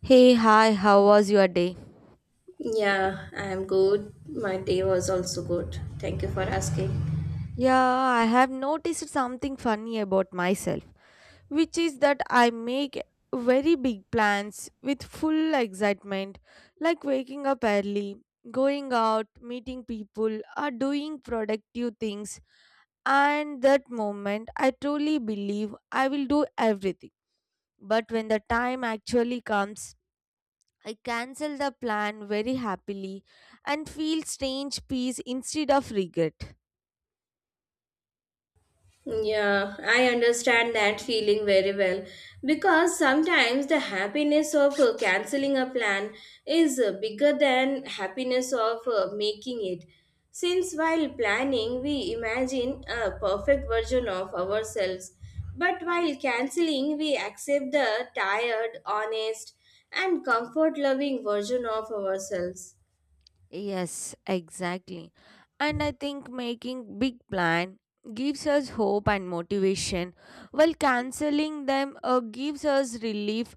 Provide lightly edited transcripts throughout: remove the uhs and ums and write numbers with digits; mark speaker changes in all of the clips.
Speaker 1: Hey, hi, how was your day?
Speaker 2: Yeah, I am good. My day was also good. Thank you for asking.
Speaker 1: Yeah, I have noticed something funny about myself, which is that I make very big plans with full excitement, like waking up early, going out, meeting people, or doing productive things. And that moment, I truly believe I will do everything. But when the time actually comes, I cancel the plan very happily and feel strange peace instead of regret.
Speaker 2: Yeah, I understand that feeling very well because sometimes the happiness of canceling a plan is bigger than happiness of making it. Since while planning we imagine a perfect version of ourselves, but while canceling we accept the tired, honest and comfort loving version of ourselves.
Speaker 1: Yes, exactly. And I think making big plan gives us hope and motivation while canceling them gives us relief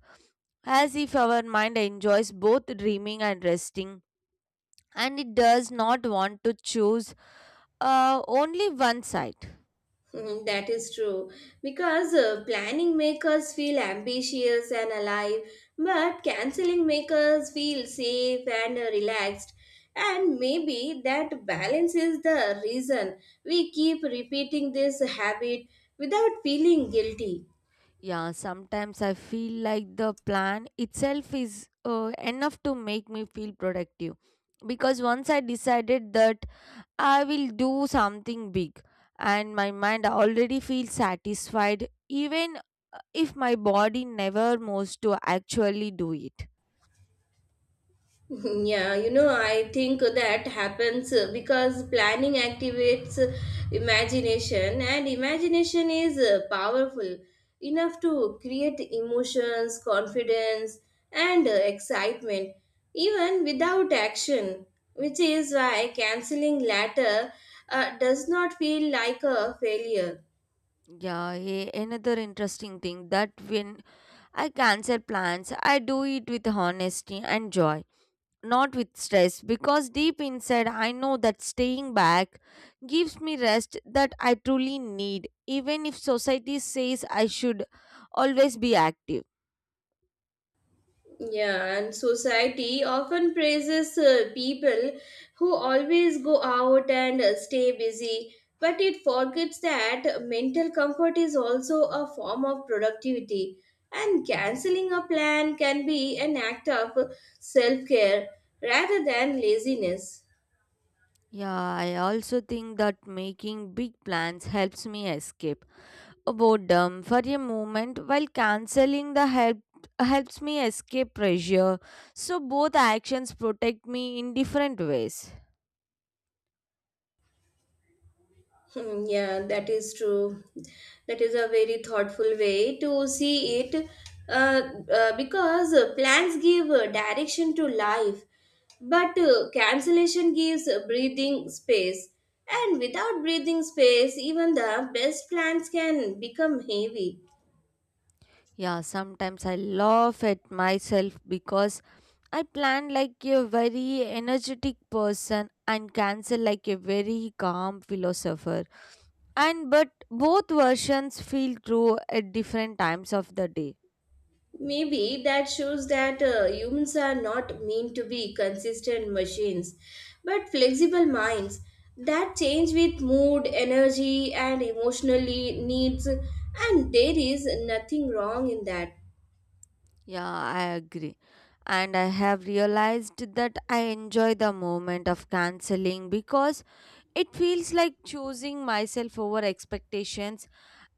Speaker 1: as if our mind enjoys both dreaming and resting and it does not want to choose only one side.
Speaker 2: Mm, that is true because planning make us feel ambitious and alive, but canceling make us feel safe and relaxed. And maybe that balance is the reason we keep repeating this habit without feeling guilty.
Speaker 1: Yeah, sometimes I feel like the plan itself is enough to make me feel productive. Because once I decided that I will do something big, and my mind already feels satisfied, even if my body never moves to actually do it.
Speaker 2: Yeah, I think that happens because planning activates imagination, and imagination is powerful enough to create emotions, confidence, and excitement even without action, which is why canceling later does not feel like a failure.
Speaker 1: Yeah, hey, another interesting thing that when I cancel plans, I do it with honesty and joy not with stress because deep inside I know that staying back gives me rest that I truly need, even if society says I should always be active.
Speaker 2: Yeah, and society often praises people who always go out and stay busy, but it forgets that mental comfort is also a form of productivity, and canceling a plan can be an act of self care rather than laziness.
Speaker 1: Yeah, I also think that making big plans helps me escape boredom for a moment while canceling the help helps me escape pressure so both actions protect me in different ways.
Speaker 2: Hmm, yeah, that is true. That is a very thoughtful way to see it, because plans give direction to life, but cancellation gives breathing space. And without breathing space, even the best plans can become heavy.
Speaker 1: Yeah, sometimes I laugh at myself because I plan like a very energetic person and cancel like a very calm philosopher and but both versions feel true at different times of the day.
Speaker 2: Maybe that shows that humans are not meant to be consistent machines, but flexible minds that change with mood, energy, and emotionally needs. And there is nothing wrong in that.
Speaker 1: Yeah, I agree. And I have realized that I enjoy the moment of canceling because it feels like choosing myself over expectations,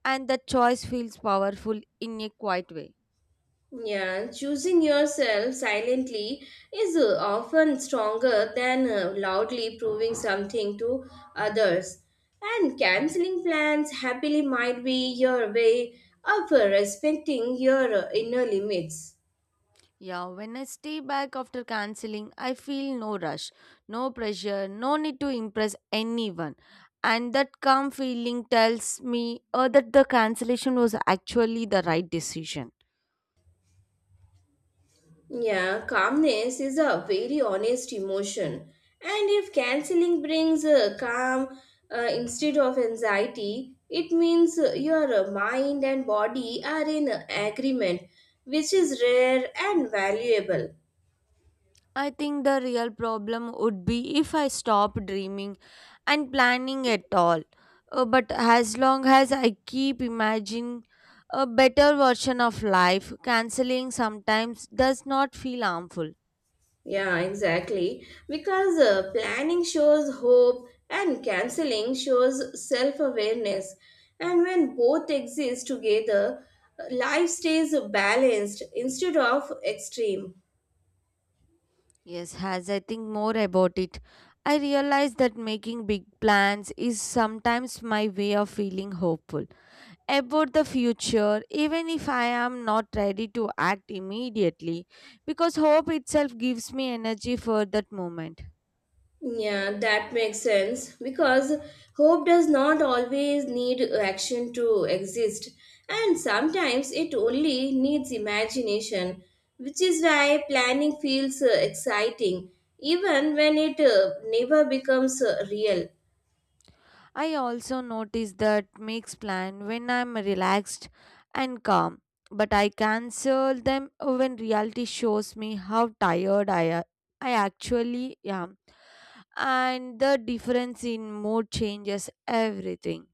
Speaker 1: and the choice feels powerful in a quiet way.
Speaker 2: Yeah, choosing yourself silently is often stronger than loudly proving something to others. And canceling plans happily might be your way of respecting your inner limits.
Speaker 1: Yeah, when I stay back after canceling, I feel no rush, no pressure, no need to impress anyone. And that calm feeling tells me that the cancellation was actually the right decision.
Speaker 2: Yeah, calmness is a very honest emotion. And if canceling brings calm instead of anxiety, it means your mind and body are in agreement, which is rare and valuable.
Speaker 1: I think the real problem would be if I stop dreaming and planning at all. But as long as I keep imagining a better version of life, canceling sometimes does not feel harmful.
Speaker 2: Yeah, exactly. Because planning shows hope and canceling shows self awareness. And when both exist together, life stays balanced instead of extreme.
Speaker 1: Yes, as I think more about it, I realize that making big plans is sometimes my way of feeling hopeful about the future even if I am not ready to act immediately because hope itself gives me energy for that moment.
Speaker 2: Yeah, that makes sense because hope does not always need action to exist, and sometimes it only needs imagination, which is why planning feels exciting even when it never becomes real.
Speaker 1: I also notice that makes plan when I'm relaxed and calm but I cancel them when reality shows me how tired I actually am and the difference in mood changes everything.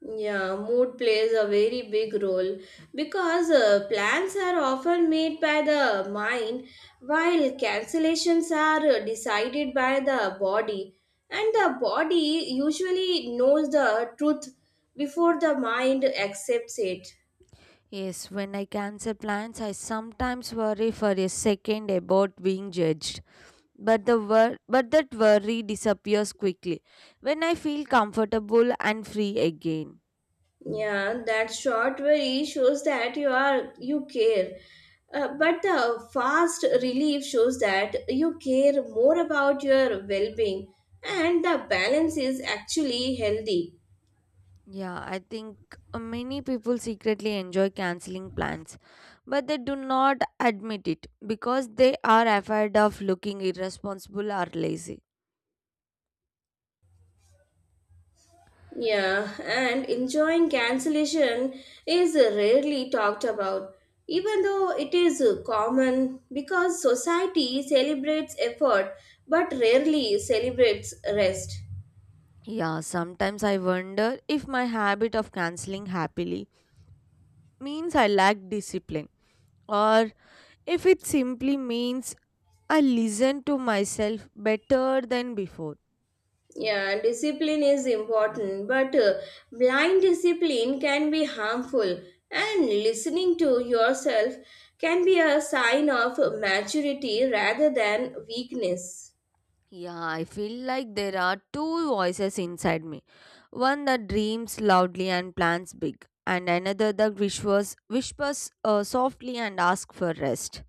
Speaker 2: Yeah, mood plays a very big role because plans are often made by the mind while cancellations are decided by the body. And the body usually knows the truth before the mind accepts it.
Speaker 1: Yes, when I cancel plans, I sometimes worry for a second about being judged. But that worry disappears quickly when I feel comfortable and free again.
Speaker 2: Yeah, that short worry shows that you care. But the fast relief shows that you care more about your well-being and the balance is actually healthy.
Speaker 1: Yeah, I think many people secretly enjoy canceling plans, but they do not admit it because they are afraid of looking irresponsible or lazy.
Speaker 2: Yeah, and enjoying cancellation is rarely talked about, even though it is common because society celebrates effort but rarely celebrates rest.
Speaker 1: Yeah, sometimes I wonder if my habit of canceling happily means I lack discipline or if it simply means I listen to myself better than before.
Speaker 2: Yeah, discipline is important, but blind discipline can be harmful, and listening to yourself can be a sign of maturity rather than weakness.
Speaker 1: Yeah, I feel like there are two voices inside me one that dreams loudly and plans big, and another that whispers softly and asks for rest.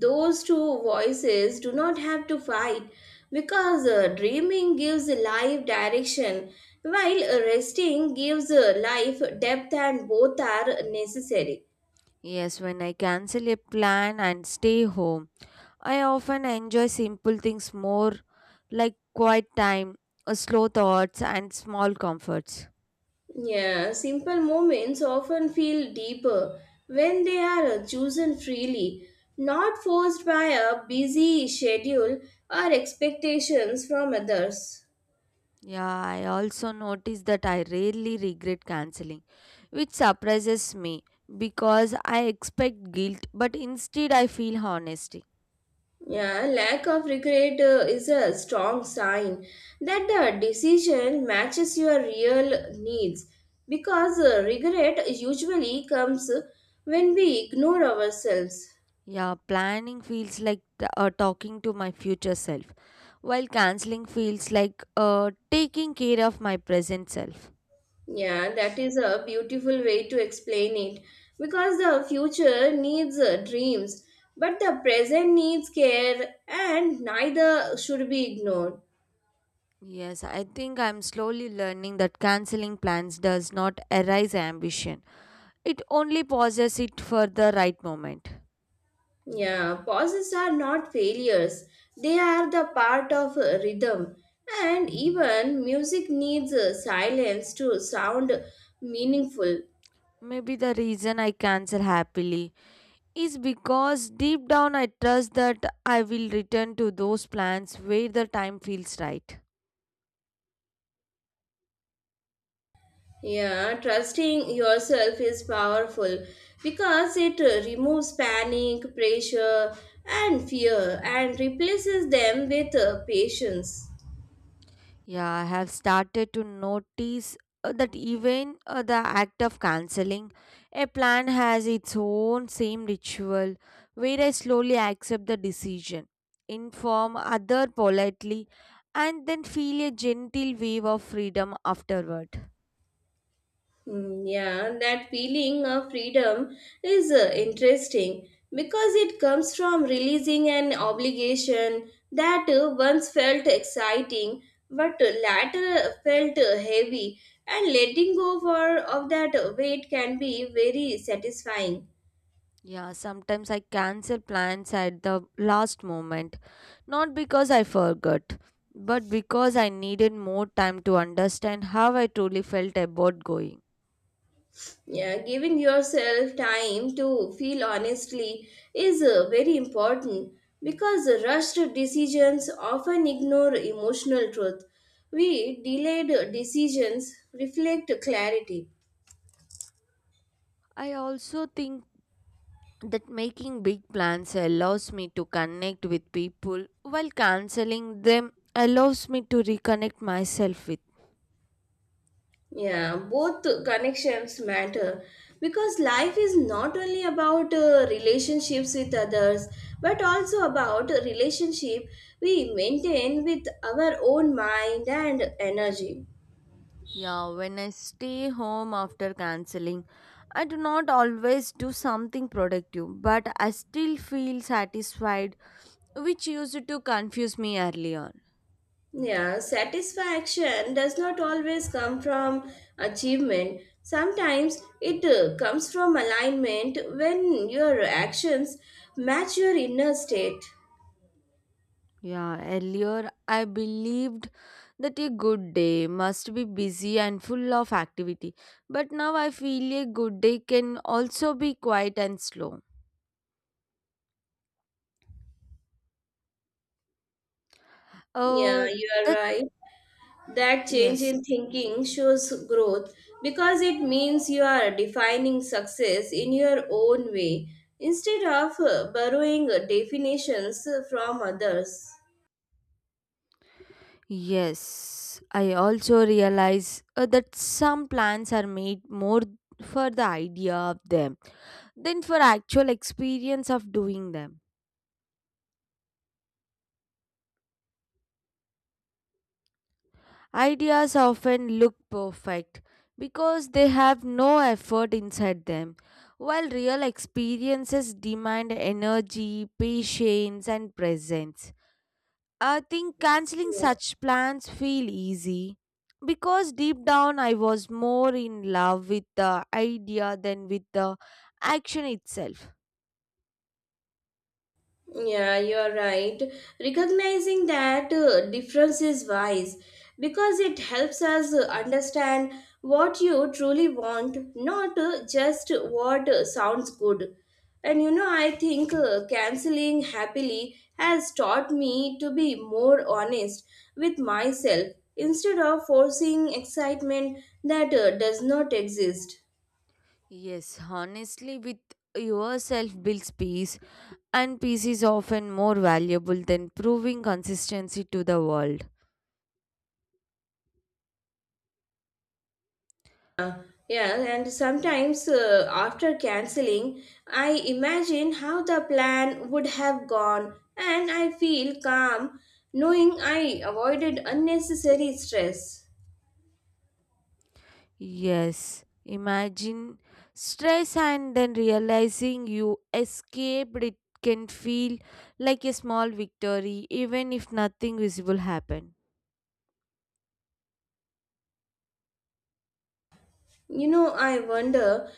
Speaker 2: Those two voices do not have to fight because dreaming gives life direction, while resting gives life depth, and both are necessary.
Speaker 1: Yes, when I cancel a plan and stay home, I often enjoy simple things more like quiet time, slow thoughts, and small comforts.
Speaker 2: Yeah, simple moments often feel deeper when they are chosen freely, not forced by a busy schedule or expectations from others.
Speaker 1: Yeah, I also notice that I rarely regret canceling, which surprises me because I expect guilt, but instead I feel honesty.
Speaker 2: Yeah, lack of regret is a strong sign that the decision matches your real needs because regret usually comes when we ignore ourselves.
Speaker 1: Yeah, planning feels like talking to my future self, while canceling feels like taking care of my present self.
Speaker 2: Yeah, that is a beautiful way to explain it because the future needs dreams, but the present needs care, and neither should be ignored.
Speaker 1: Yes, I think I'm slowly learning that canceling plans does not erase ambition. It only pauses it for the right moment.
Speaker 2: Yeah, pauses are not failures, they are the part of rhythm, and even music needs silence to sound meaningful.
Speaker 1: Maybe the reason I cancel happily is because deep down I trust that I will return to those plans where the time feels right.
Speaker 2: Yeah, trusting yourself is powerful because it removes panic, pressure, and fear and replaces them with patience.
Speaker 1: Yeah, I have started to notice that even the act of cancelling a plan has its own same ritual where I slowly accept the decision, inform other politely, and then feel a gentle wave of freedom afterward.
Speaker 2: Mm, yeah, that feeling of freedom is interesting because it comes from releasing an obligation that once felt exciting but later felt heavy, and letting go of that weight can be very satisfying.
Speaker 1: Yeah, sometimes I cancel plans at the last moment, not because I forgot, but because I needed more time to understand how I truly felt about going.
Speaker 2: Yeah, giving yourself time to feel honestly is very important because rushed decisions often ignore emotional truth. We delayed decisions reflect clarity.
Speaker 1: I also think that making big plans allows me to connect with people while canceling them allows me to reconnect myself with.
Speaker 2: Yeah, both connections matter because life is not only about relationships with others but also about a relationship we maintain with our own mind and energy.
Speaker 1: Yeah, when I stay home after canceling, I do not always do something productive, but I still feel satisfied which used to confuse me early on.
Speaker 2: Yeah, satisfaction does not always come from achievement. Sometimes it comes from alignment when your actions match your inner state.
Speaker 1: Yeah, earlier I believed that a good day must be busy and full of activity, but now I feel a good day can also be quiet and slow.
Speaker 2: Yeah,
Speaker 1: Uh,
Speaker 2: you are
Speaker 1: that
Speaker 2: right. That change
Speaker 1: yes,
Speaker 2: in thinking shows growth because it means you are defining success in your own way instead of borrowing definitions from others.
Speaker 1: yes. I also realize that some plans are made more for the idea of them than for actual experience of doing them. Ideas often look perfect because they have no effort inside them, while real experiences demand energy, patience, and presence. I think canceling such plans feel easy because deep down I was more in love with the idea than with the action itself.
Speaker 2: Yeah, you're right. Recognizing that difference is wise because it helps us understand what you truly want, not just what sounds good. And I think canceling happily has taught me to be more honest with myself instead of forcing excitement that does not exist.
Speaker 1: Yes, honestly, with yourself builds peace. And peace is often more valuable than proving consistency to the world.
Speaker 2: Uh, yeah, and sometimes after canceling, I imagine how the plan would have gone, and I feel calm knowing I avoided unnecessary stress.
Speaker 1: Yes, imagine stress and then realizing you escaped it can feel like a small victory even if nothing visible happened.
Speaker 2: I wonder,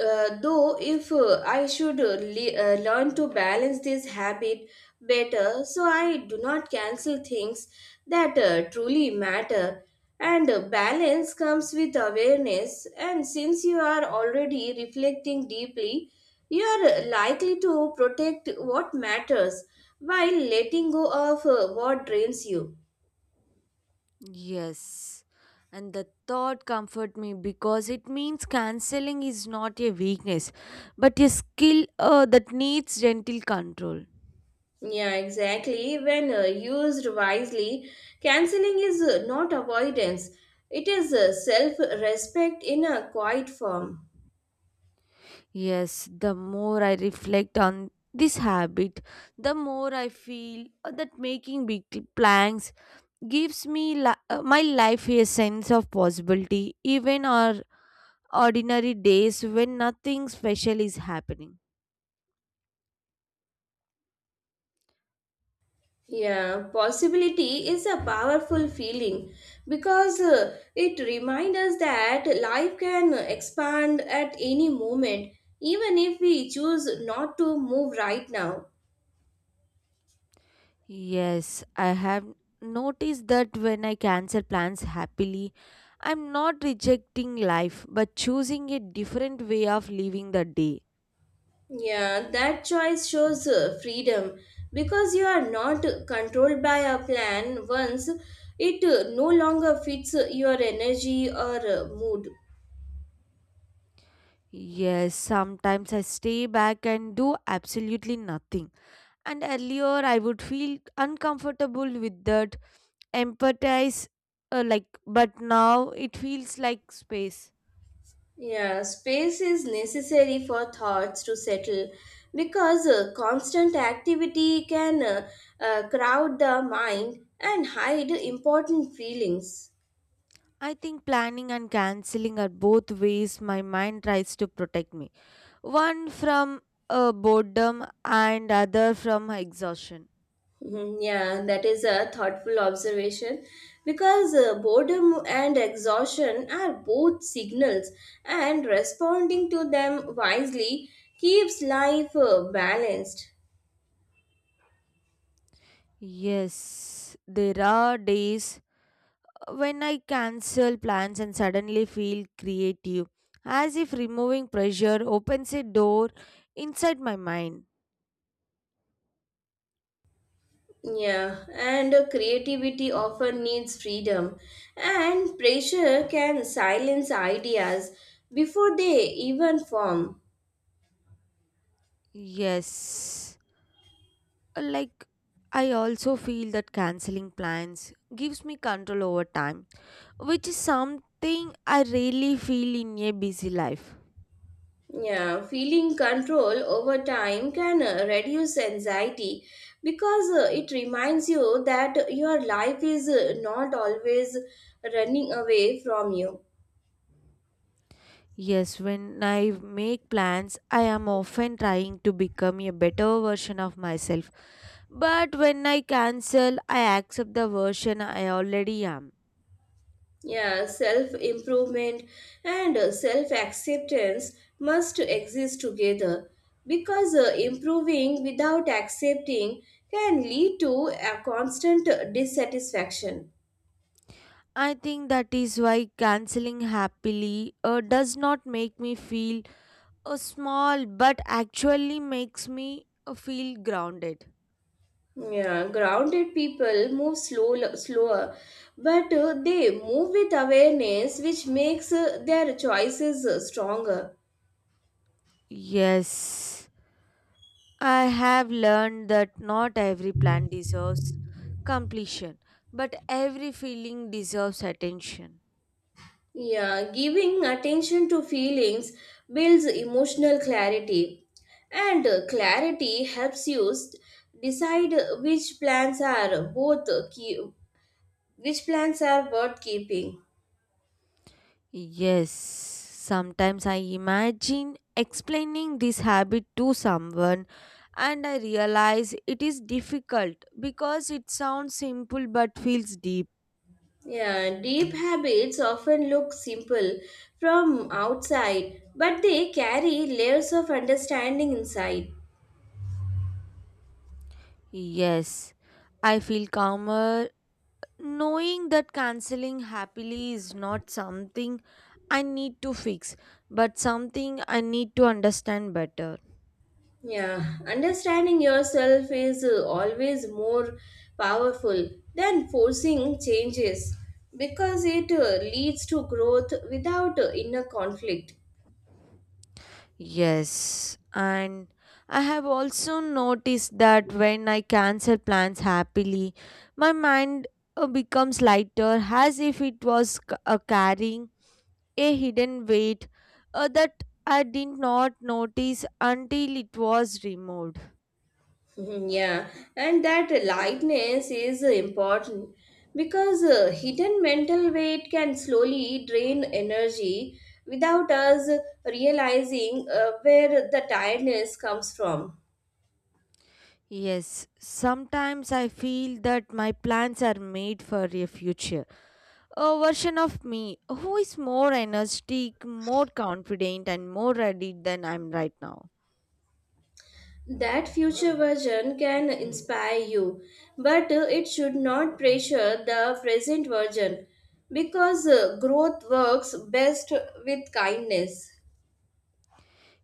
Speaker 2: though, if I should learn to balance this habit better so I do not cancel things that truly matter. And balance comes with awareness, and since you are already reflecting deeply, you are likely to protect what matters while letting go of what drains you.
Speaker 1: Yes. And the thought comfort me because it means cancelling is not a weakness but a skill that needs gentle control.
Speaker 2: Yeah, exactly. When used wisely, canceling is not avoidance, it is self respect in a quiet form.
Speaker 1: Yes, the more I reflect on this habit, the more I feel that making big plans gives me my life a sense of possibility, even on ordinary days when nothing special is happening.
Speaker 2: Yeah, possibility is a powerful feeling because it reminds us that life can expand at any moment, even if we choose not to move right now.
Speaker 1: Yes, I have noticed that when I cancel plans happily, I'm not rejecting life but choosing a different way of living the day.
Speaker 2: Yeah, that choice shows freedom because you are not controlled by a plan once it no longer fits your energy or mood.
Speaker 1: Yes, sometimes I stay back and do absolutely nothing. And earlier I would feel uncomfortable with that empathize like but now it feels like space.
Speaker 2: Yeah, space is necessary for thoughts to settle because constant activity can crowd the mind and hide important feelings.
Speaker 1: I think planning and canceling are both ways my mind tries to protect me. One from boredom and other from exhaustion.
Speaker 2: Mhm, yeah, that is a thoughtful observation because boredom and exhaustion are both signals, and responding to them wisely keeps life balanced.
Speaker 1: Yes, there are days when I cancel plans and suddenly feel creative, as if removing pressure opens a door inside my mind.
Speaker 2: Yeah, and creativity often needs freedom, and pressure can silence ideas before they even form.
Speaker 1: Yes, like I also feel that canceling plans gives me control over time, which is something I really feel in a busy life.
Speaker 2: Yeah, feeling control over time can reduce anxiety because it reminds you that your life is not always running away from you.
Speaker 1: Yes, when I make plans, I am often trying to become a better version of myself. But when I cancel, I accept the version I already am.
Speaker 2: Yeah, self improvement and self acceptance must exist together because improving without accepting can lead to a constant dissatisfaction.
Speaker 1: I think that is why canceling happily does not make me feel small but actually makes me feel grounded.
Speaker 2: Yeah, grounded people move slower, but they move with awareness, which makes their choices stronger.
Speaker 1: Yes, I have learned that not every plan deserves completion, but every feeling deserves attention.
Speaker 2: Yeah, giving attention to feelings builds emotional clarity, and clarity helps you decide which plans are both which plans are worth keeping.
Speaker 1: Yes, sometimes I imagine explaining this habit to someone and I realize it is difficult because it sounds simple but feels deep.
Speaker 2: Yeah, deep habits often look simple from outside, but they carry layers of understanding inside.
Speaker 1: Yes, I feel calmer knowing that canceling happily is not something I need to fix but something I need to understand better.
Speaker 2: Yeah, understanding yourself is always more powerful than forcing changes because it leads to growth without inner conflict.
Speaker 1: Yes, and I have also noticed that when I cancel plans happily, my mind becomes lighter as if it was carrying a hidden weight that I did not notice until it was removed.
Speaker 2: Mhm, yeah, and that lightness is important because hidden mental weight can slowly drain energy without us realizing where the tiredness comes from.
Speaker 1: Yes, sometimes I feel that my plans are made for a future. A version of me who is more energetic, more confident, and more ready than I'm right now.
Speaker 2: That future version can inspire you, but it should not pressure the present version because growth works best with kindness.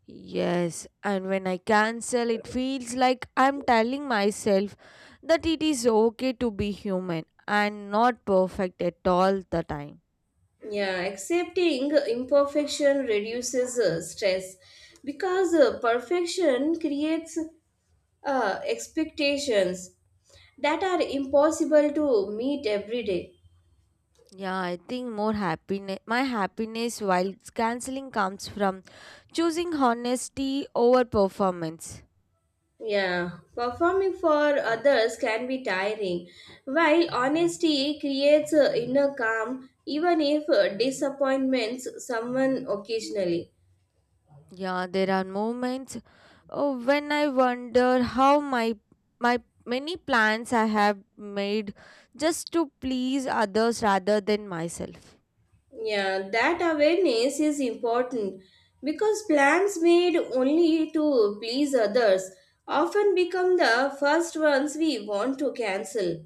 Speaker 1: Yes, and when I cancel, it feels like I'm telling myself that it is okay to be human and not perfect at all the time.
Speaker 2: Yeah, accepting imperfection reduces stress because perfection creates expectations that are impossible to meet every day.
Speaker 1: Yeah, I think my happiness while canceling comes from choosing honesty over performance.
Speaker 2: Yeah, performing for others can be tiring, while honesty creates inner calm even if disappointments someone occasionally.
Speaker 1: Yeah, there are moments when I wonder how my many plans I have made just to please others rather than myself.
Speaker 2: Yeah, that awareness is important because plans made only to please others often become the first ones we want to cancel.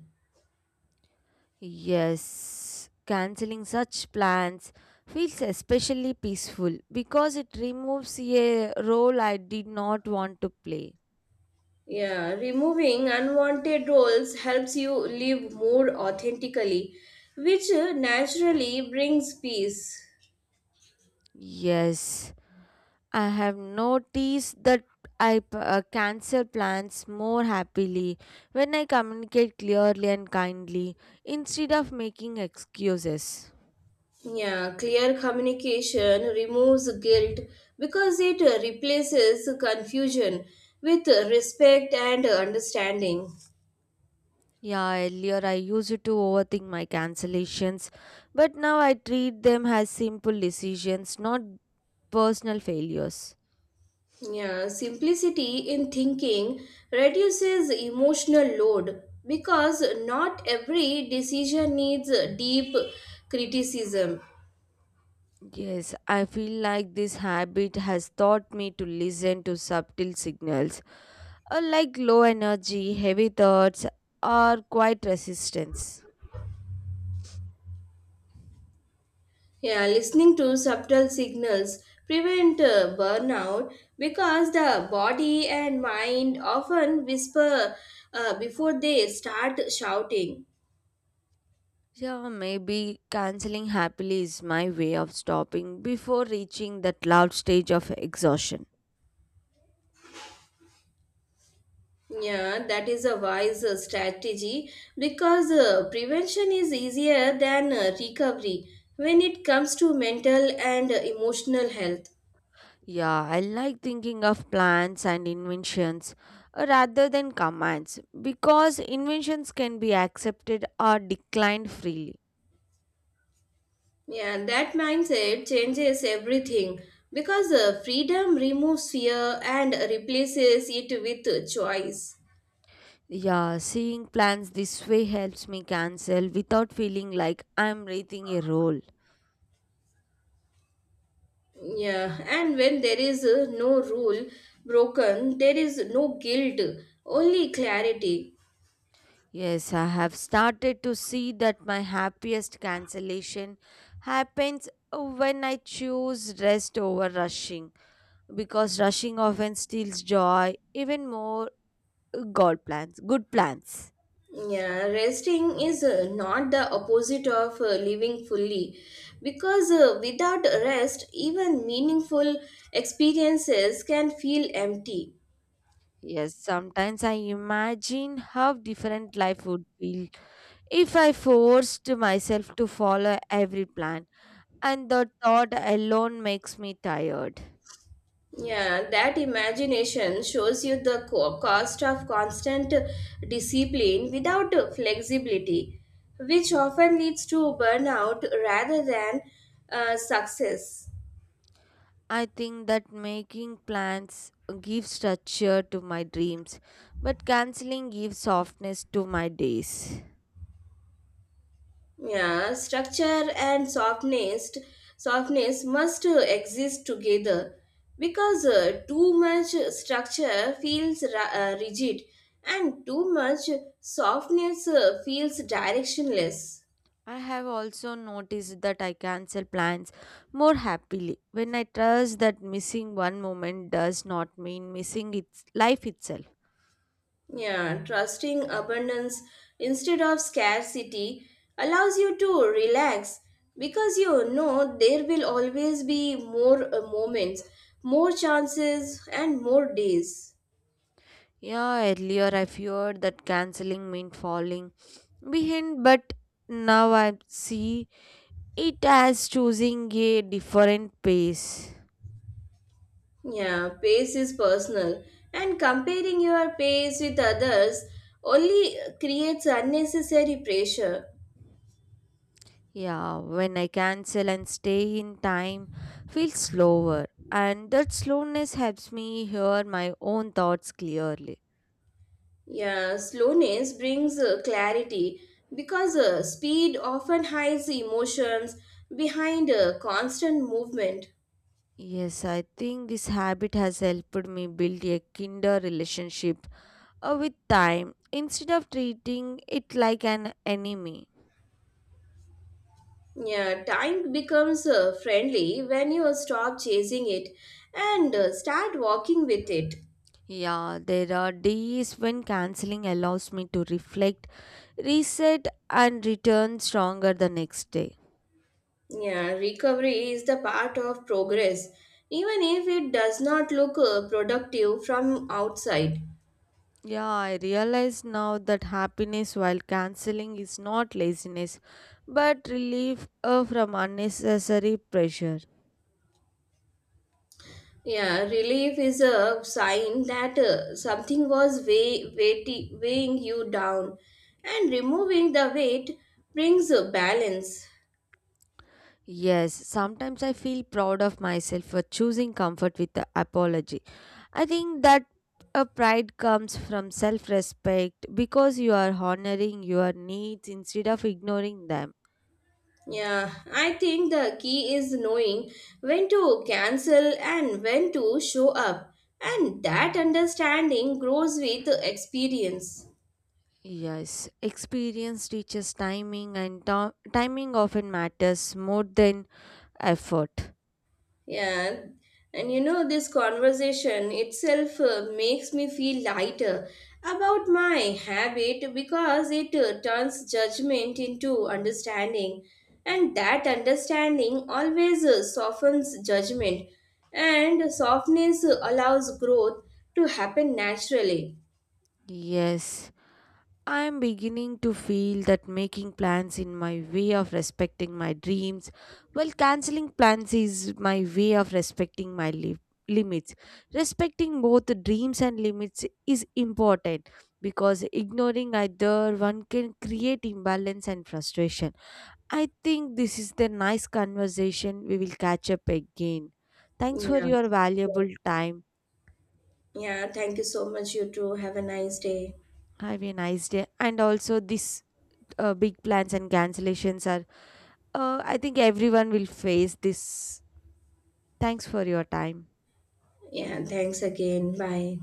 Speaker 1: Yes, canceling such plans feels especially peaceful because it removes a role I did not want to play.
Speaker 2: Yeah, removing unwanted roles helps you live more authentically, which naturally brings peace.
Speaker 1: Yes, I have noticed that I cancel plans more happily when I communicate clearly and kindly instead of making excuses.
Speaker 2: Yeah, clear communication removes guilt because it replaces confusion with respect and understanding.
Speaker 1: Yeah, earlier I used to overthink my cancellations, but now I treat them as simple decisions, not personal failures.
Speaker 2: Yeah, simplicity in thinking reduces emotional load because not every decision needs deep criticism.
Speaker 1: Yes, I feel like this habit has taught me to listen to subtle signals, like low energy, heavy thoughts, or quiet resistance.
Speaker 2: Yeah, listening to subtle signals prevent burnout because the body and mind often whisper before they start shouting.
Speaker 1: Yeah, maybe canceling happily is my way of stopping before reaching that loud stage of exhaustion.
Speaker 2: Yeah, that is a wise strategy because prevention is easier than recovery when it comes to mental and emotional health.
Speaker 1: Yeah, I like thinking of plans and inventions rather than commands because inventions can be accepted or declined freely.
Speaker 2: Yeah, that mindset changes everything because freedom removes fear and replaces it with choice.
Speaker 1: Yeah, seeing plans this way helps me cancel without feeling like I'm breathing a role.
Speaker 2: Yeah, and when there is no rule broken, there is no guilt, only clarity.
Speaker 1: Yes, I have started to see that my happiest cancellation happens when I choose rest over rushing because rushing often steals joy, even more good plans.
Speaker 2: Yeah, resting is not the opposite of living fully because without rest, even meaningful experiences can feel empty.
Speaker 1: Yes, sometimes I imagine how different life would feel if I forced myself to follow every plan and the thought alone makes me tired.
Speaker 2: Yeah, that imagination shows you the cost of constant discipline without flexibility, which often leads to burnout rather than success.
Speaker 1: I think that making plans gives structure to my dreams, but canceling gives softness to my days.
Speaker 2: Yeah, structure and softness, softness must exist together because too much structure feels rigid and too much softness feels directionless.
Speaker 1: I have also noticed that I cancel plans more happily when I trust that missing one moment does not mean missing its life itself.
Speaker 2: Yeah, trusting abundance instead of scarcity allows you to relax because you know there will always be more moments, more chances, and more days.
Speaker 1: Yeah, earlier I feared that canceling meant falling behind, but now I see it has choosing a different pace.
Speaker 2: Yeah, pace is personal, and comparing your pace with others only creates unnecessary pressure.
Speaker 1: Yeah, when I cancel and stay in time, feels slower, and that slowness helps me hear my own thoughts clearly.
Speaker 2: Yeah, slowness brings clarity because speed often hides emotions behind constant movement.
Speaker 1: Yes, I think this habit has helped me build a kinder relationship with time instead of treating it like an enemy.
Speaker 2: Yeah, time becomes friendly when you stop chasing it and start walking with it.
Speaker 1: Yeah, there are days when canceling allows me to reflect, reset, and return stronger the next day.
Speaker 2: Yeah, recovery is the part of progress, even if it does not look productive from outside.
Speaker 1: Yeah, I realize now that happiness while canceling is not laziness, but relief from unnecessary pressure.
Speaker 2: Yeah, relief is a sign that something was weighing you down, and removing the weight brings balance.
Speaker 1: Yes, sometimes I feel proud of myself for choosing comfort with the apology. I think that a pride comes from self respect because you are honoring your needs instead of ignoring them.
Speaker 2: Yeah, I think the key is knowing when to cancel and when to show up, and that understanding grows with experience.
Speaker 1: Yes, experience teaches timing, and timing often matters more than effort.
Speaker 2: Yeah, and this conversation itself makes me feel lighter about my habit because it turns judgment into understanding, and that understanding always softens judgment, and softness allows growth to happen naturally.
Speaker 1: Yes. I'm beginning to feel that making plans in my way of respecting my dreams, while canceling plans is my way of respecting my limits. Respecting both the dreams and limits is important because ignoring either one can create imbalance and frustration. I think this is the nice conversation. We will catch up again. Thanks for
Speaker 2: Yeah,
Speaker 1: your valuable time.
Speaker 2: yeah, thank you so much, you too. Have a nice day.
Speaker 1: Have a nice day. And also, this big plans and cancellations are I think everyone will face this. Thanks for your time.
Speaker 2: Yeah, thanks again. Bye.